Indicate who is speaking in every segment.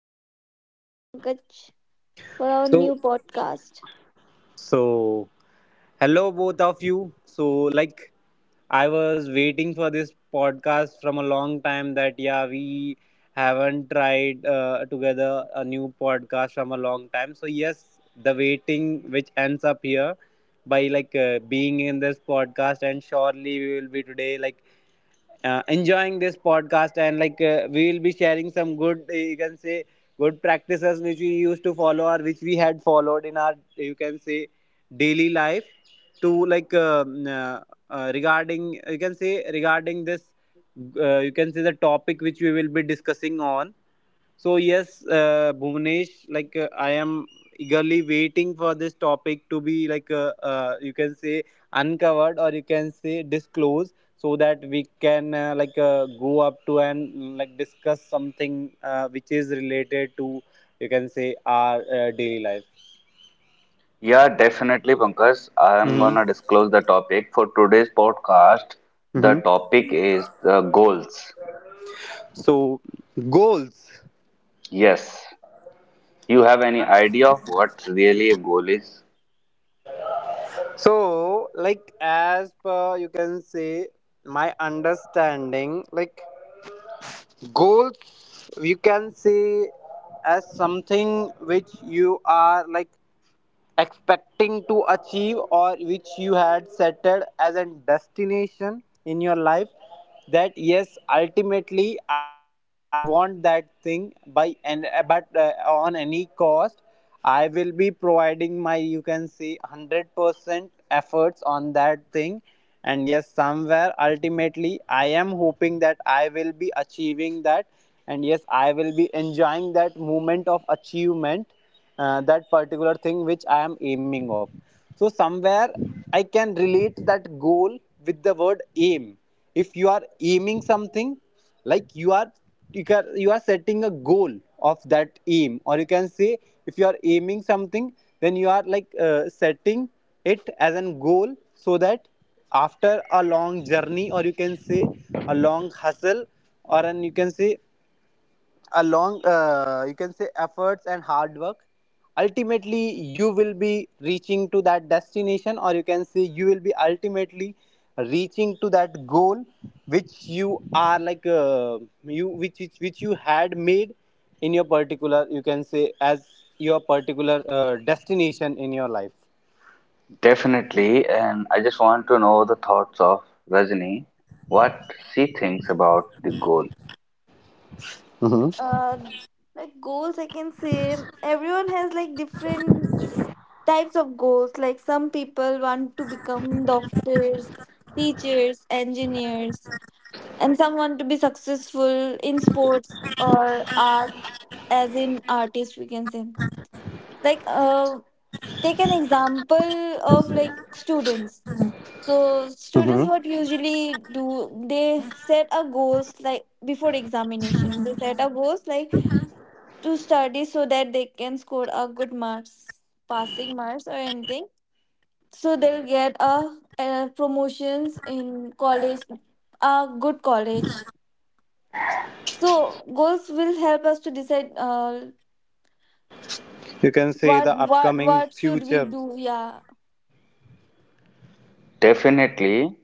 Speaker 1: Bhuvanesh. Hello, Pankaj, for our
Speaker 2: So,
Speaker 1: new podcast.
Speaker 2: so, hello both of you. So, like, I was waiting for this podcast from a long time. That yeah, we haven't tried together a new podcast from a long time. So yes, the waiting which ends up here by like being in this podcast, and surely we will be today like enjoying this podcast, and like we will be sharing some good you can say good practices which we used to follow or which we had followed in our you can say daily life to like regarding you can say regarding this you can say the topic which we will be discussing on. So yes, Bhuvnesh, like I am eagerly waiting for this topic to be like you can say uncovered, or you can say disclosed, so that we can like go up to and like discuss something which is related to you can say our daily life.
Speaker 3: Yeah, definitely Pankaj, I am
Speaker 2: Hmm.
Speaker 3: gonna disclose the topic for today's podcast. The
Speaker 2: Hmm.
Speaker 3: topic is the goals.
Speaker 2: So goals.
Speaker 3: Yes, you have any idea what really a goal is?
Speaker 2: So like, as per you can say my understanding, like goals you can say as something which you are like expecting to achieve or which you had set as a destination in your life. That yes, ultimately I just want that thing by and but on any cost I will be providing my you can say 100% efforts on that thing, and yes, somewhere ultimately I am hoping that I will be achieving that, and yes, I will be enjoying that moment of achievement, that particular thing which I am aiming of. So somewhere I can relate that goal with the word aim. If you are aiming something, like you are, you can, you are setting a goal of that aim, or you can say if you are aiming something, then you are like setting it as a goal, so that after a long journey, or you can say a long hustle, or an you can say along you can say efforts and hard work, ultimately you will be reaching to that destination, or you can say you will be ultimately reaching to that goal which you are like you which you had made in your particular you can say as your particular destination in your life.
Speaker 3: Definitely, and I just want to know the thoughts of Rajni, what she thinks about the goal.
Speaker 1: Uh, like goals, I can say everyone has like different types of goals. Like some people want to become doctors, teachers, engineers, and some want to be successful in sports or art, as in artist, we can say. Like, uh, Take an example of like students. So students
Speaker 2: Hmm.
Speaker 1: what usually do, they set a goals, like before examination they set a goals like to study so that they can score a good marks, passing marks or anything, so they'll get a, promotions in college, a good college. So goals will help us to decide
Speaker 2: You can say
Speaker 1: what
Speaker 2: the
Speaker 1: what
Speaker 2: upcoming
Speaker 1: what should we
Speaker 2: future.
Speaker 1: do. Yeah,
Speaker 3: Definitely,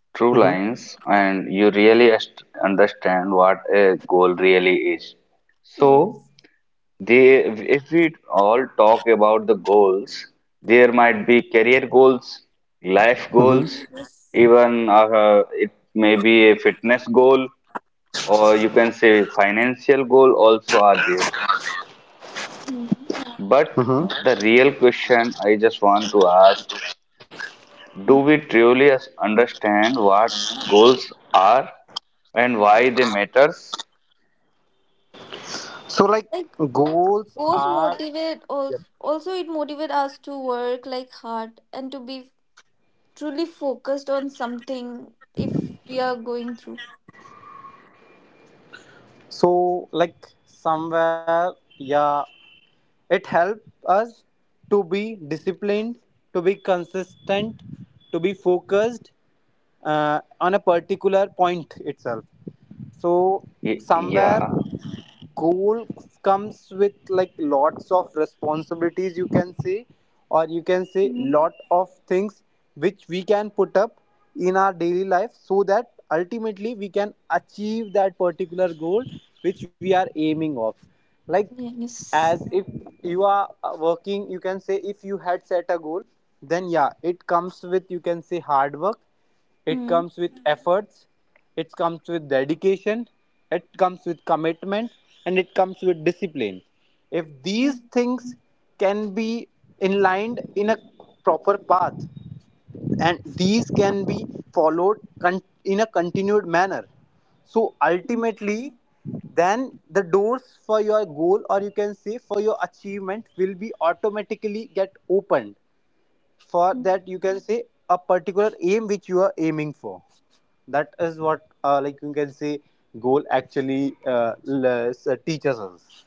Speaker 2: Hmm.
Speaker 3: true lines, and you really understand what a goal really is. So,
Speaker 1: yes,
Speaker 3: they, if we all talk about the goals, there might be career goals, life
Speaker 2: Hmm.
Speaker 3: goals,
Speaker 1: yes.
Speaker 3: even it may be a fitness goal, or you can say financial goal also are there.
Speaker 1: Hmm.
Speaker 3: But
Speaker 2: Hmm.
Speaker 3: the real question I just want to ask, do
Speaker 1: Hmm.
Speaker 3: we truly understand what goals are and why they matters?
Speaker 2: So like,
Speaker 1: Like,
Speaker 2: goals
Speaker 1: most
Speaker 2: are,
Speaker 1: motivate also, it motivate us to work like hard and to be truly focused on something if we are going through.
Speaker 2: so, like, somewhere, yeah. It helps us to be disciplined, to be consistent, to be focused on a particular point itself. So somewhere
Speaker 3: Yeah.
Speaker 2: goal comes with like lots of responsibilities you can say, or you can say
Speaker 1: Mm,
Speaker 2: lot of things which we can put up in our daily life, so that ultimately we can achieve that particular goal which we are aiming of. Like, as
Speaker 1: yes.
Speaker 2: if you are working, you can say if you had set a goal, then yeah, it comes with you can say hard work, it
Speaker 1: Mm,
Speaker 2: comes with efforts, it comes with dedication, it comes with commitment, and it comes with discipline. If
Speaker 1: mm,
Speaker 2: these things can be inlined in a proper path, and these can be followed in a continued manner, so
Speaker 1: mm,
Speaker 2: ultimately then the doors for your goal, or you can say for your achievement will be automatically get opened for
Speaker 1: mm,
Speaker 2: that you can say a particular aim which you are aiming for. That is what like you can say goal actually teaches us.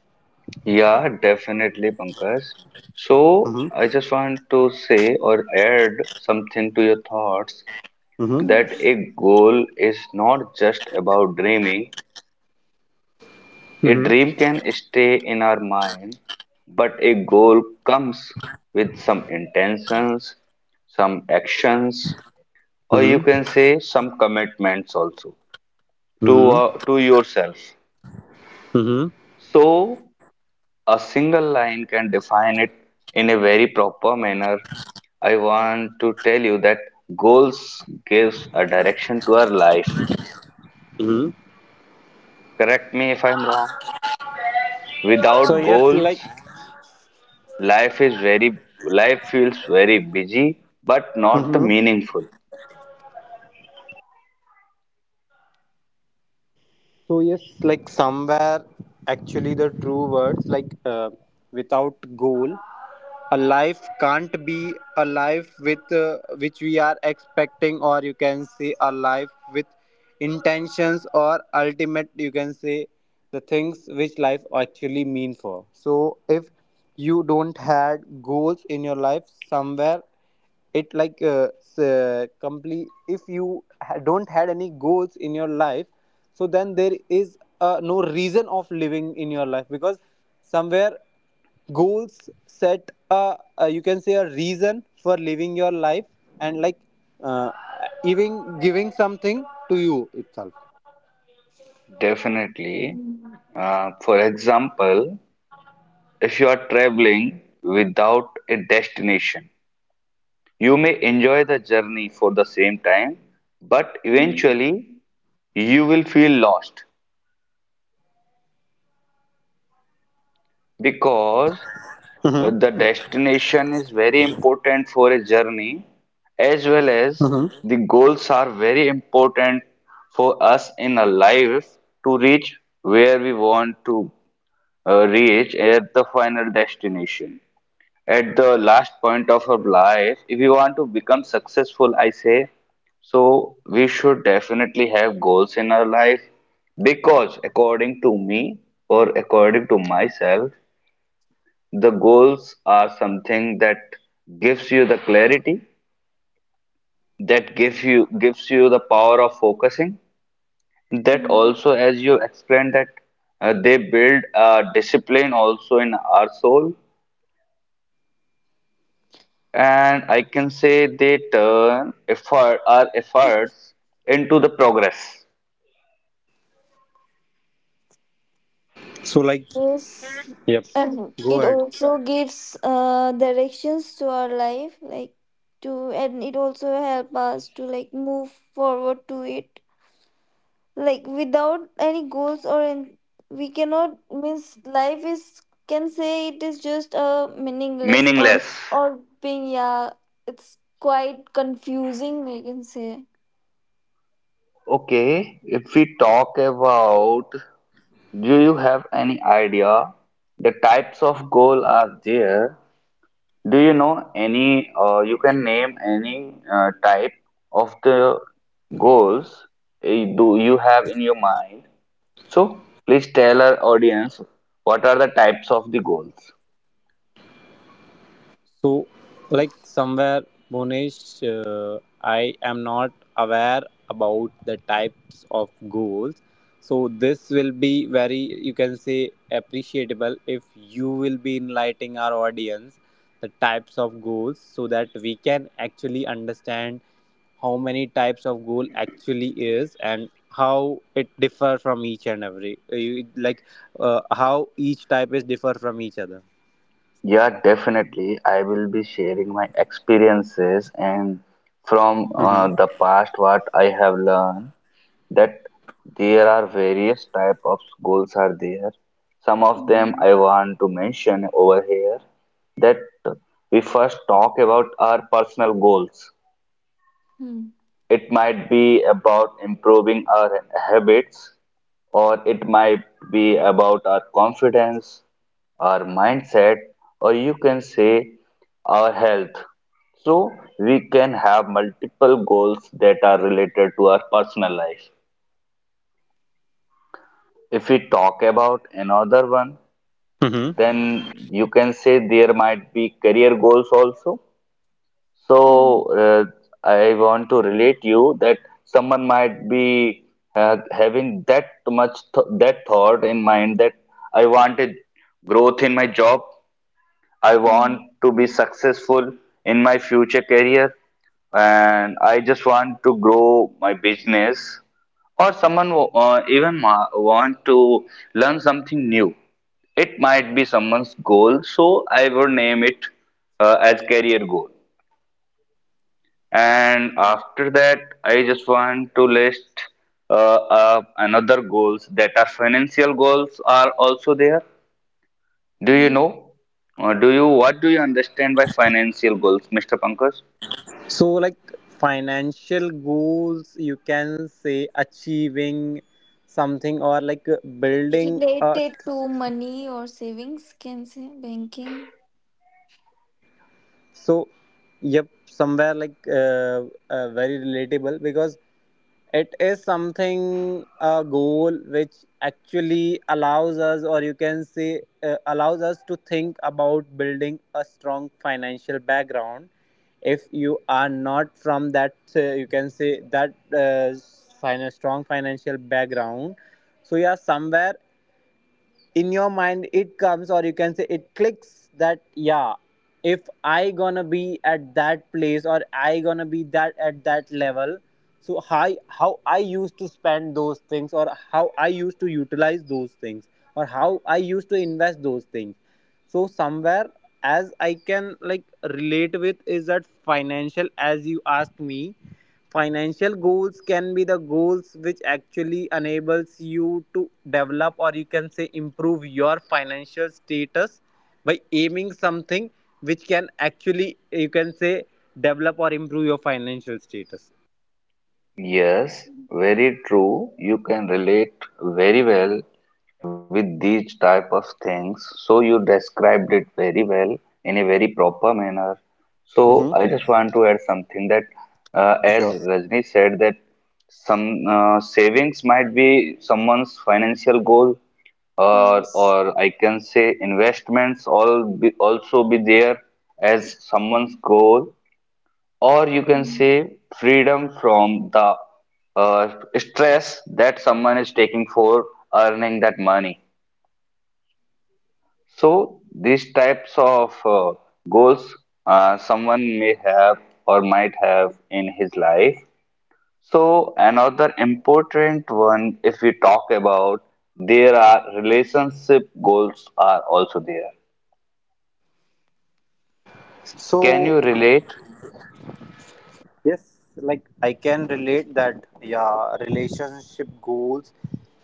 Speaker 3: Yeah, definitely, Pankaj. So, I
Speaker 2: Mm-hmm.
Speaker 3: just want to say or add something to your thoughts
Speaker 2: Mm-hmm.
Speaker 3: that
Speaker 1: mm,
Speaker 3: a goal is not just about dreaming. A dream can stay in our mind, but a goal comes with some intentions, some actions, or you can
Speaker 2: Mm-hmm.
Speaker 3: say some commitments also to
Speaker 2: Mm-hmm.
Speaker 3: to yourself.
Speaker 2: Mm-hmm.
Speaker 3: So a single line can define it in a very proper manner. I want to tell you that goals gives a direction to our life.
Speaker 2: Mm-hmm.
Speaker 3: Correct me if I'm wrong.
Speaker 2: So
Speaker 3: Without
Speaker 2: yes, like,
Speaker 3: goals, life feels very busy, but not
Speaker 1: mm,
Speaker 3: the
Speaker 2: Mhm.
Speaker 3: meaningful.
Speaker 2: So yes, like somewhere, actually, the true words like without goal, a life can't be a life with which we are expecting, or you can say a life with intentions or ultimate. You can say the things which life actually mean for. So if you don't had goals in your life, somewhere it like complete, if you don't had any goals in your life, so then there is no reason of living in your life, because somewhere goals set a you can say a reason for living your life, and like uh, even giving something to you itself.
Speaker 3: Definitely.
Speaker 1: mm,
Speaker 3: For example, if you are traveling without a destination, you may enjoy the journey for the same time, but
Speaker 1: mm.
Speaker 3: eventually you will feel lost because the destination is very important for a journey as well as the goals are very important for us in a life to reach where we want to reach at the final destination at the last point of our life, if we want to become successful, I say, so we should definitely have goals in our life because, according to me or according to myself, the goals are something that gives you the clarity, that gives you the power of focusing, that
Speaker 1: mm.
Speaker 3: also, as you explained, that they build a discipline also in our soul, and I can say they turn effort our efforts into the progress,
Speaker 2: So like,
Speaker 1: Yes. And
Speaker 2: go
Speaker 1: it
Speaker 2: ahead.
Speaker 1: also gives directions to our life, like to, and it also help us to like move forward to it. Like without any goals or in, we cannot, means life is, can say it is just a meaningless,
Speaker 3: meaningless.
Speaker 1: or being, yeah, it's quite confusing I can say.
Speaker 3: Okay, if we talk about, do you have any idea the types of goal are there? Do you know any, or you can name any type of the goals, eh, do you have in your mind? So please tell our audience what are the types of the goals.
Speaker 2: So, like somewhere, Bonish, I am not aware about the types of goals. So this will be very, you can say, appreciable if you will be enlightening our audience the types of goals, so that we can actually understand how many types of goal actually is, and how it differ from each and every like how each type is differ from each other.
Speaker 3: Yeah, definitely. I will be sharing my experiences and from
Speaker 2: Mm-hmm.
Speaker 3: the past what I have learned that there are various type of goals are there. Some of them
Speaker 1: hmm
Speaker 3: I want to mention over here that we first talk about our personal goals.
Speaker 1: hmm
Speaker 3: It might be about improving our habits, or it might be about our confidence, our mindset, or you can say our health. So we can have multiple goals that are related to our personal life. If we talk about another one, then you can say there might be career goals also. So
Speaker 1: hmm
Speaker 3: I want to relate you that someone might be having that much that thought in mind that I wanted growth in my job, I want
Speaker 1: hmm
Speaker 3: to be successful in my future career, and I just want to grow my business. Or someone wo- even ma- want to learn something new. It might be someone's goal, so I would name it as career goal. And after that, I just want to list another goals that are financial goals are also there. Do you
Speaker 1: hmm
Speaker 3: know? Do you What do you understand by financial goals, Mr. Pankaj?
Speaker 2: So like, financial goals, you can say achieving something or like building a.
Speaker 1: Related to money or savings, can say banking.
Speaker 2: So yep, somewhere like very relatable, because it is something a goal which actually allows us, or you can say allows us to think about building a strong financial background. If you are not from that you can say that strong financial background, so yeah, somewhere in your mind it comes, or you can say it clicks, that yeah, if I gonna be at that place, or I gonna be that at that level, so how I used to spend those things, or how I used to utilize those things, or how I used to invest those things. So somewhere, as I can like relate with is that financial, as you asked me, financial goals can be the goals which actually enables you to develop, or you can say improve your financial status by aiming something which can actually you can say develop or improve your financial status.
Speaker 3: Yes, very true. You can relate very well with these type of things. So you described it very well in a very proper manner. So I
Speaker 2: Mm-hmm.
Speaker 3: just want to add something that, as
Speaker 2: Sure.
Speaker 3: Rajni said, that some savings might be someone's financial goal, or
Speaker 1: Yes.
Speaker 3: or I can say also be there as someone's goal, or you can say freedom from the stress that someone is taking for earning that money. So these types of goals someone may have or might have in his life. So another important one, if we talk about, there are relationship goals are also there. Can
Speaker 2: So
Speaker 3: you relate?
Speaker 2: yes, like I can relate that, yeah, relationship goals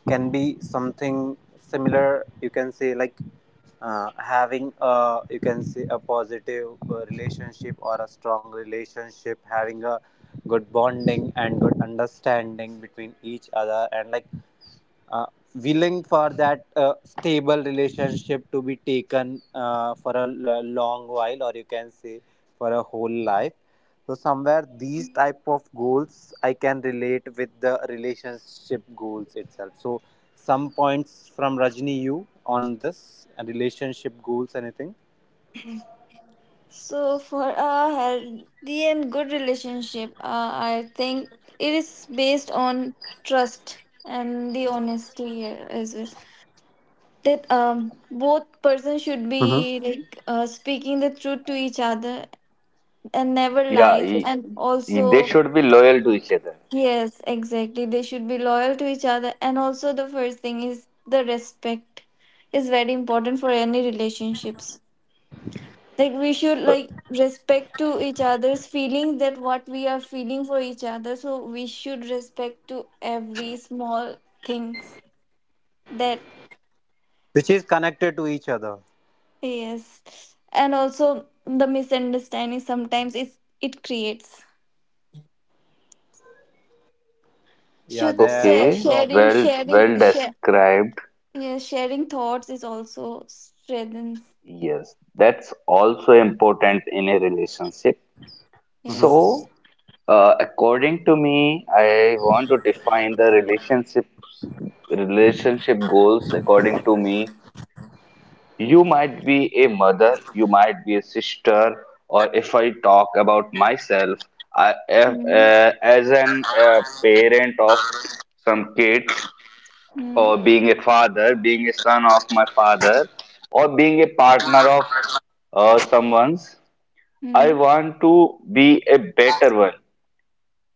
Speaker 2: can be something similar. You can say, like, having a you can say a positive relationship, or a strong relationship, having a good bonding and good understanding between each other, and like uh, willing for that stable relationship to be taken for a long while, or you can say for a whole life. So somewhere these type of goals I can relate with the relationship goals itself. So some points from Rajni, you on this relationship goals, anything?
Speaker 1: So, for a healthy and good relationship, I think it is based on trust and the honesty here as well. That both persons should
Speaker 2: Hmm.
Speaker 1: be like speaking the truth to each other and never
Speaker 3: Yeah,
Speaker 1: lies. And
Speaker 3: they
Speaker 1: also,
Speaker 3: should be loyal to each other.
Speaker 1: yes, exactly, they should be loyal to each other. And also, the first thing is the respect is very important for any relationships. Like we should like respect to each other's feelings, that what we are feeling for each other, so we should respect to every small things that.
Speaker 2: Which is connected to each other.
Speaker 1: Yes, and also the misunderstanding, sometimes it's it creates,
Speaker 2: Yeah,
Speaker 1: should
Speaker 2: they're a
Speaker 1: say
Speaker 3: Okay,
Speaker 2: prop.
Speaker 1: sharing,
Speaker 3: well, well
Speaker 1: share.
Speaker 3: described.
Speaker 1: Yeah, sharing thoughts is also strengthens.
Speaker 3: Yes, that's also important in a relationship.
Speaker 2: Hmm.
Speaker 1: Yes.
Speaker 3: So, according to me, I want to define relationship goals according to me. You might be a mother, you might be a sister, or if I talk about myself,
Speaker 1: mm
Speaker 3: as an parent of some kids,
Speaker 1: mm
Speaker 3: or being a father, being a son of my father, or being a partner of someone's. I
Speaker 1: mm.
Speaker 3: want to be a better one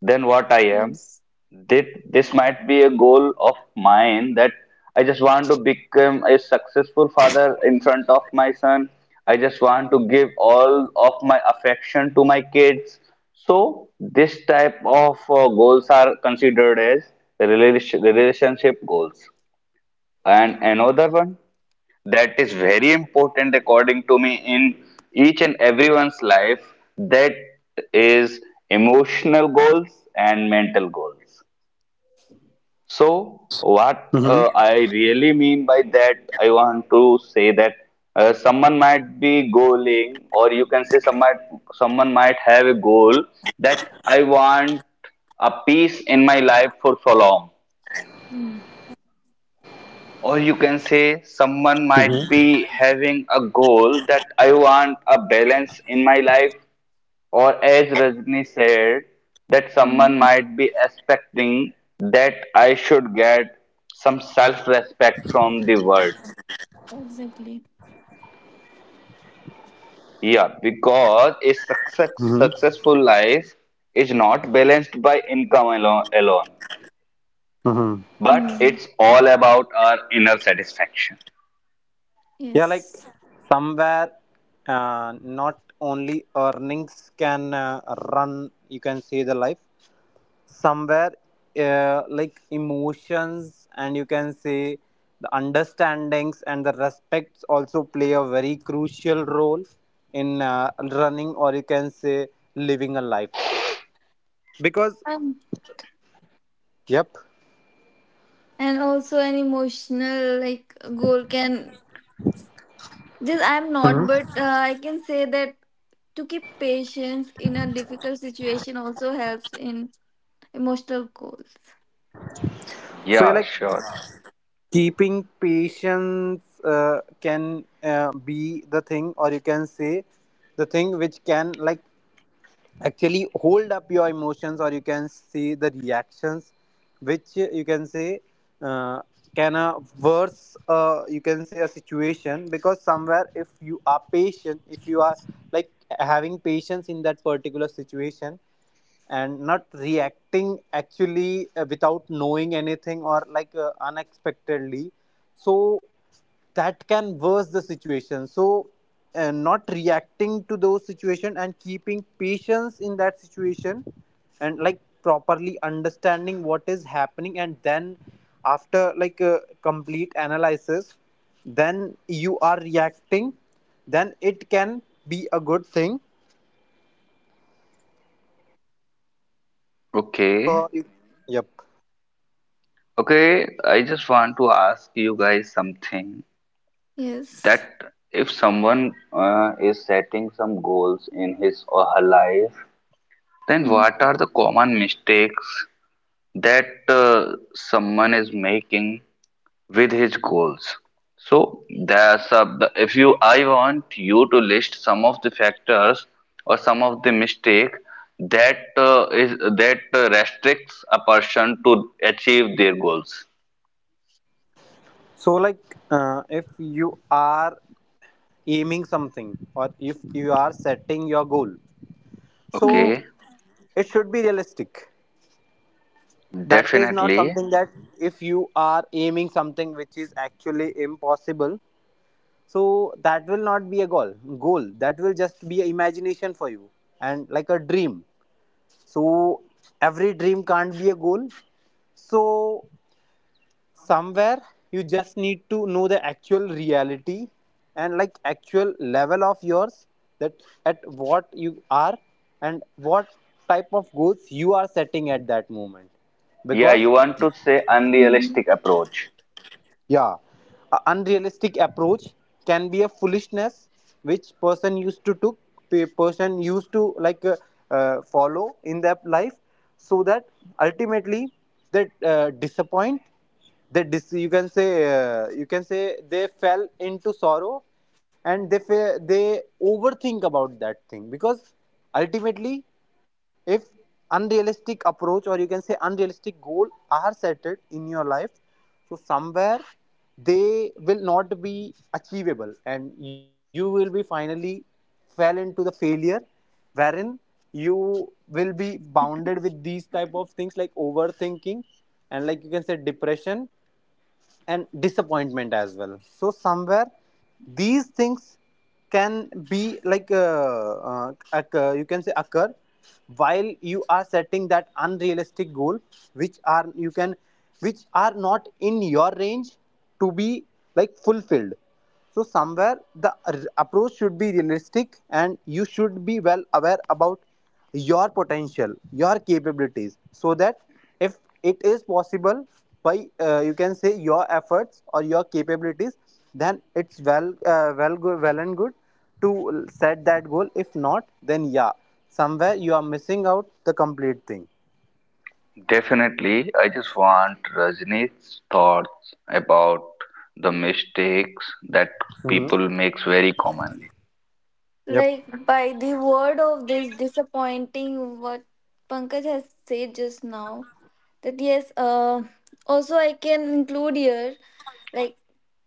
Speaker 3: than what I am.
Speaker 1: Yes.
Speaker 3: That this might be a goal of mine that I just want to become a successful father in front of my son. I just want to give all of my affection to my kids. So this type of goals are considered as relationship goals. And another one that is very important according to me in each and everyone's life, that is emotional goals and mental goals. So, what
Speaker 2: Hmm.
Speaker 3: I really mean by that, I want to say that someone might be goaling, or you can say someone might have a goal that I want a peace in my life for so long.
Speaker 1: mm
Speaker 3: Or you can say someone might
Speaker 2: Hmm.
Speaker 3: be having a goal that I want a balance in my life, or as Rajni said, that someone
Speaker 1: mm.
Speaker 3: might be expecting that I should get some self-respect from the world.
Speaker 1: Exactly.
Speaker 3: Yeah, because successful life is not balanced by alone,
Speaker 2: Mm-hmm.
Speaker 3: but
Speaker 1: mm.
Speaker 3: it's all about our inner satisfaction.
Speaker 2: Yeah, like
Speaker 1: Yes.
Speaker 2: somewhere, not only earnings can run, you can say the life. Somewhere, like emotions, and you can say the understandings and the respects also play a very crucial role in running, or you can say living a life. Because,
Speaker 1: And.
Speaker 2: yep.
Speaker 1: And also an emotional like goal can, just I'm not, but I can say that to keep patience in a difficult situation also helps in emotional goals.
Speaker 2: So yeah,
Speaker 3: Yeah,
Speaker 2: like
Speaker 3: sure.
Speaker 2: keeping patience can be the thing, or you can say the thing which can like actually hold up your emotions, or you can see the reactions which you can say uh, can a worse you can say a situation, because somewhere if you are patient, if you are like having patience in that particular situation and not reacting actually without knowing anything, or like unexpectedly, so that can worse the situation. So not reacting to those situation and keeping patience in that situation, and like properly understanding what is happening, and then after like a complete analysis, then you are reacting, then it can be a good thing
Speaker 3: Okay.
Speaker 2: for you. Yep.
Speaker 3: Okay, I just want to ask you guys something that
Speaker 1: Yes.
Speaker 3: if someone is setting some goals in his or her life, then what
Speaker 1: Mm-hmm.
Speaker 3: are the common mistakes that someone is making with his goals? So there's a, the- if you, I want you to list some of the factors or some of the mistake that is that restricts a person to achieve their goals.
Speaker 2: So, like, if you are aiming something, or if you are setting your goal, so
Speaker 3: Okay.
Speaker 2: it should be realistic. That is not
Speaker 3: Definitely.
Speaker 2: something that if you are aiming something which is actually impossible, so that will not be a goal. Goal that will just be a imagination for you and like a dream. So every dream can't be a goal. So somewhere you just need to know the actual reality, and like actual level of yours, that at what you are and what type of goals you are setting at that moment.
Speaker 3: Yeah, you
Speaker 2: Because
Speaker 3: want to say unrealistic approach.
Speaker 2: yeah, a unrealistic approach can be a foolishness which person used to took, person used to like follow in their life, so that ultimately they disappoint. They dis- you can say they fell into sorrow, and they fa- they overthink about that thing because ultimately if unrealistic approach or you can say unrealistic goal are set it in your life, so somewhere they will not be achievable and you will be finally fell into the failure, wherein you will be bounded with these type of things like overthinking and like you can say depression and disappointment as well. So somewhere these things can be like you can say occur while you are setting that unrealistic goal which are you can which are not in your range to be like fulfilled. So somewhere the r- approach should be realistic and you should be well aware about your potential, your capabilities, so that if it is possible by you can say your efforts or your capabilities, then it's well and good to set that goal. If not, then yeah, somewhere you are missing out the complete thing.
Speaker 3: Definitely. I just want Rajni's thoughts about the mistakes that
Speaker 2: Hmm.
Speaker 3: people makes very commonly.
Speaker 2: Yep.
Speaker 1: Like by the word of this disappointing what Pankaj has said just now, that yes, also I can include here, like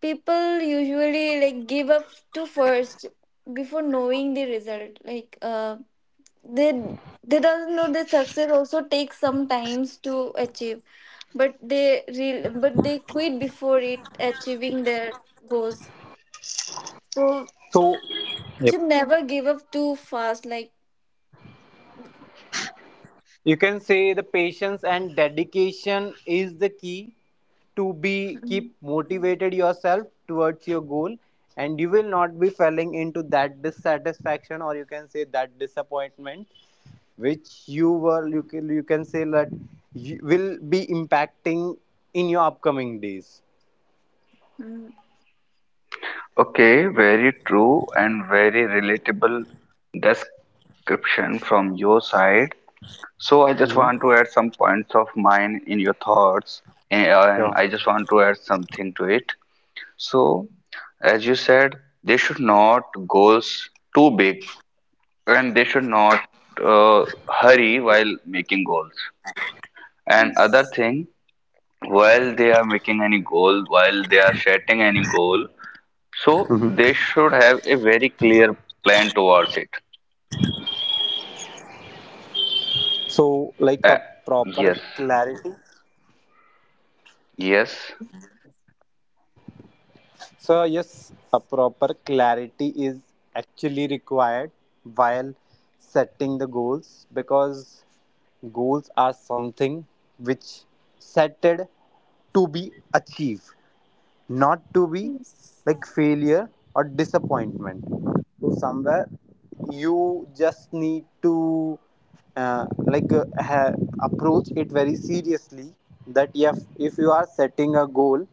Speaker 1: people usually like give up to first before knowing the result. They doesn't know that success also takes some times to achieve, but they real but they quit before it achieving their goals. So
Speaker 2: So.
Speaker 1: you
Speaker 2: Yep.
Speaker 1: should never give up too fast. Like,
Speaker 2: You can say the patience and dedication is the key to be keep motivated yourself towards your goal, and you will not be falling into that dissatisfaction or you can say that disappointment which you were you can say that you will be impacting in your upcoming days.
Speaker 1: mhm.
Speaker 3: Okay, very true and very relatable description from your side. So I just want to
Speaker 2: Mm-hmm.
Speaker 3: add some points of mine in your thoughts, and
Speaker 2: Yeah.
Speaker 3: I just want to add something to it. So, as you said, they should not goals too big, and they should not hurry while making goals. And other
Speaker 1: Yes.
Speaker 3: thing, while they are making any goal, while they are setting any goal, so
Speaker 2: Mm-hmm.
Speaker 3: they should have a very clear plan towards it.
Speaker 2: So like a
Speaker 3: Uh,
Speaker 2: proper
Speaker 3: yes,
Speaker 2: clarity.
Speaker 3: yes,
Speaker 2: So yes, a proper clarity is actually required while setting the goals, because goals are something which setted to be achieved, not to be
Speaker 1: Yes.
Speaker 2: like failure or disappointment. So somewhere you just need to like approach it very seriously, that if you are setting a goal,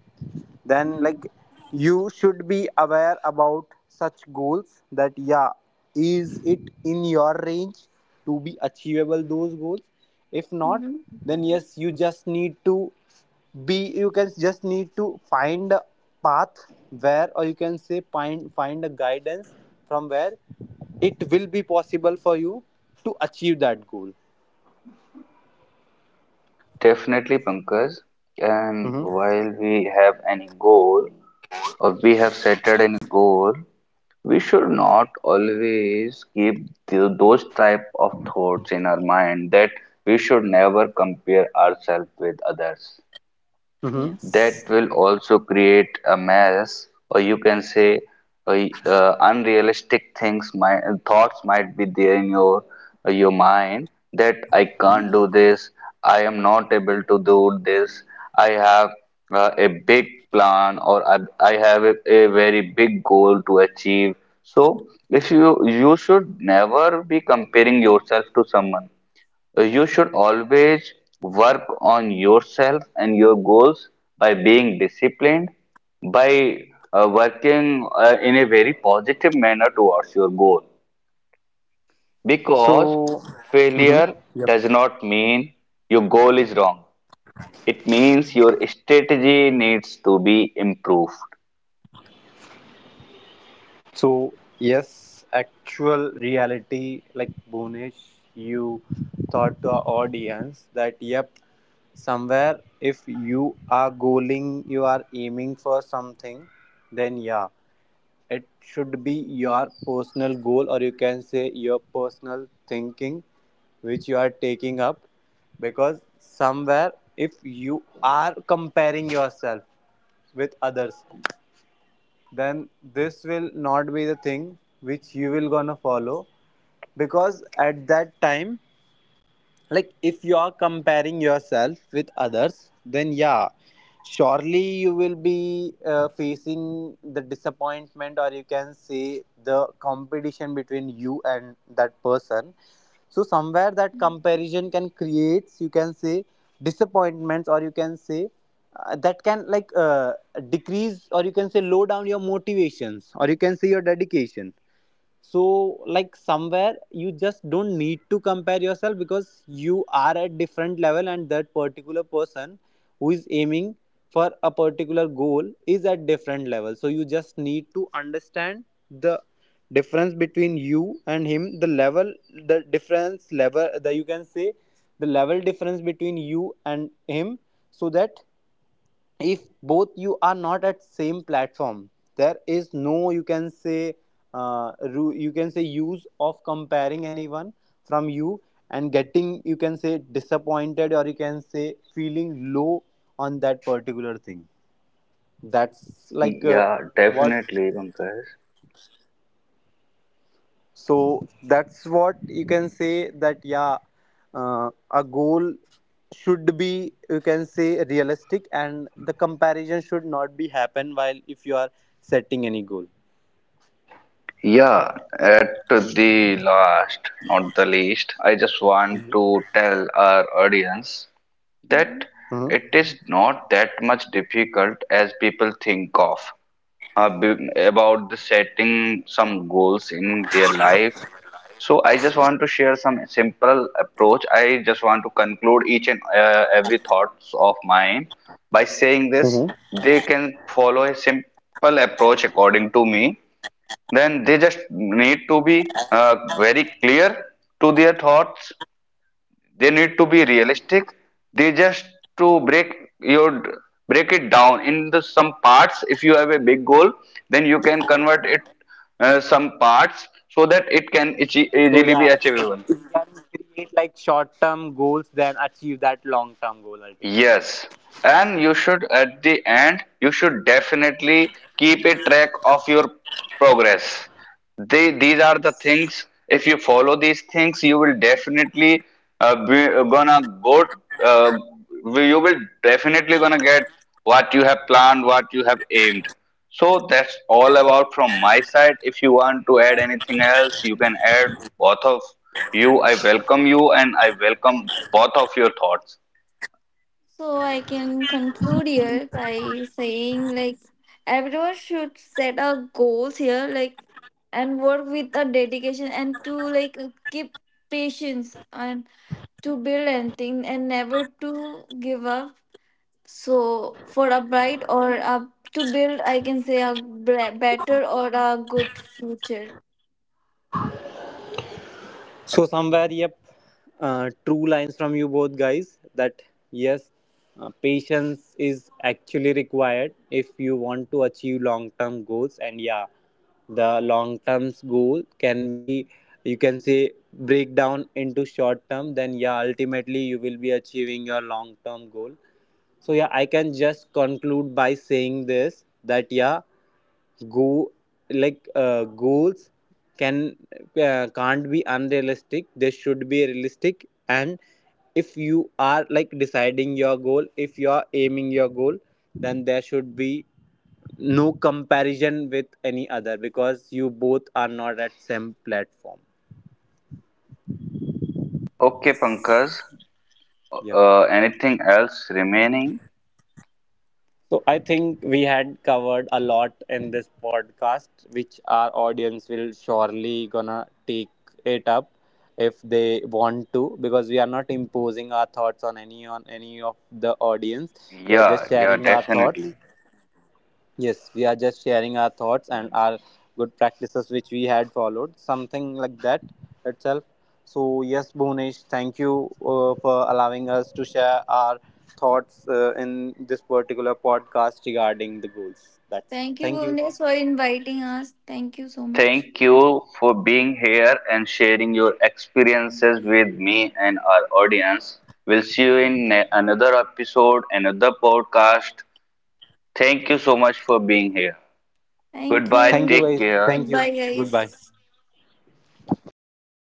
Speaker 2: then
Speaker 1: Mhm.
Speaker 2: like you should be aware about such goals that yeah, is it in your range to be achievable those goals? If not,
Speaker 1: Mhm.
Speaker 2: then yes, you just need to be you can just need to find a path where, or you can say find a guidance from where it will be possible for you to achieve that goal.
Speaker 3: definitely, Pankaj. And
Speaker 2: Mm-hmm.
Speaker 3: while we have any goal or we have set any goal, we should not always keep those type of thoughts in our mind that we should never compare ourselves with others.
Speaker 2: Mm-hmm.
Speaker 3: That
Speaker 1: Yes.
Speaker 3: will also create a mess, or you can say uh, unrealistic things, my thoughts might be there in your mind, that I can't do this, I am not able to do this, I have a big plan, or I have a very big goal to achieve. So if you you should never be comparing yourself to someone. You should always work on yourself and your goals by being disciplined, by working in a very positive manner towards your goal. Because
Speaker 2: So. Mm-hmm.
Speaker 3: failure
Speaker 2: Yep.
Speaker 3: does not mean your goal is wrong. It means your strategy needs to be improved.
Speaker 2: So, yes, actual reality, like Bhunesh, you thought to our audience that, yep, somewhere if you are goaling, you are aiming for something, then yeah, it should be your personal goal, or you can say your personal thinking which you are taking up. Because somewhere, if you are comparing yourself with others, then this will not be the thing which you will gonna follow, because at that time, like if you are comparing yourself with others, then yeah, surely you will be facing the disappointment or you can say the competition between you and that person. So somewhere that
Speaker 1: Mhm.
Speaker 2: comparison can create, you can say, disappointments, or you can say that can like decrease, or you can say low down your motivations, or you can say your dedication. So like somewhere you just don't need to compare yourself, because you are at different level, and that particular person who is aiming for a particular goal is at different level. So you just need to understand the difference between you and him, the level, the difference level, the you can say the level difference between you and him, so that if both you are not at same platform, there is no you can say uh, you can say use of comparing anyone from you and getting you can say disappointed or you can say feeling low on that particular thing. That's like
Speaker 3: Yeah,
Speaker 2: what
Speaker 3: definitely, Pankaj.
Speaker 2: so that's what you can say that yeah, a goal should be you can say realistic, and the comparison should not be happen while if you are setting any goal.
Speaker 3: Yeah, at the last, not the least, I just want to tell our audience that
Speaker 2: Mhm.
Speaker 3: it is not that much difficult as people think of about the setting some goals in their life. So I just want to share some simple approach. I just want to conclude each and every thoughts of mine by saying
Speaker 2: Mhm.
Speaker 3: this. They can follow a simple approach according to me. Then they just need to be very clear to their thoughts, they need to be realistic, they just to your break it down into some parts. If you have a big goal, then you can convert it some parts so that it can
Speaker 2: So yeah,
Speaker 3: easily be
Speaker 2: if you
Speaker 3: achievable.
Speaker 2: can create like short term goals, then achieve that long term goal ultimately.
Speaker 3: Yes, and you should at the end, you should definitely keep a track of your progress. They, these are the
Speaker 1: Yes.
Speaker 3: things. If you follow these things, you will definitely be gonna go. Uh, you will definitely gonna get what you have planned, what you have aimed. So that's all about from my side. If you want to add anything else, you can add, both of you. I welcome you, and I welcome both of your thoughts.
Speaker 1: So I can conclude here by saying like everyone should set a goals here, like, and work with a dedication and to like keep patience and to build anything and never to give up. So for a bright or a, to build I can say a better or a good future.
Speaker 2: So somewhere, yep, true lines from you both guys that yes, patience is actually required if you want to achieve long-term goals, and yeah, the long-term goal can be you can say break down into short-term. Then yeah, ultimately you will be achieving your long-term goal. So yeah, I can just conclude by saying this that yeah, go like goals can can't be unrealistic, they should be realistic, and if you are like deciding your goal, if you are aiming your goal, then there should be no comparison with any other, because you both are not at same platform.
Speaker 3: Okay, Pankaj,
Speaker 2: Yep.
Speaker 3: anything else remaining?
Speaker 2: So I think we had covered a lot in this podcast, which our audience will surely gonna take it up if they want to, because we are not imposing our thoughts on any of the audience. We are just
Speaker 3: Yeah, yeah,
Speaker 2: sharing our thoughts.
Speaker 3: definitely.
Speaker 2: Yes, we are just sharing our thoughts and our good practices which we had followed, something like that itself. So, yes, Bhunesh, thank you for allowing us to share our thoughts in this particular podcast regarding the goals. That's it.
Speaker 1: Thank you,
Speaker 2: Thank you.
Speaker 1: Bhuvnesh, for inviting us. Thank you so much.
Speaker 3: Thank you for being here and sharing your experiences with me and our audience. We'll see you in another episode, another podcast. Thank you so much for being here.
Speaker 1: Thank
Speaker 3: Goodbye,
Speaker 2: Thank
Speaker 1: you.
Speaker 2: you,
Speaker 3: take
Speaker 2: guys.
Speaker 3: care.
Speaker 2: Thank you.
Speaker 1: Goodbye,
Speaker 2: Goodbye.
Speaker 1: guys.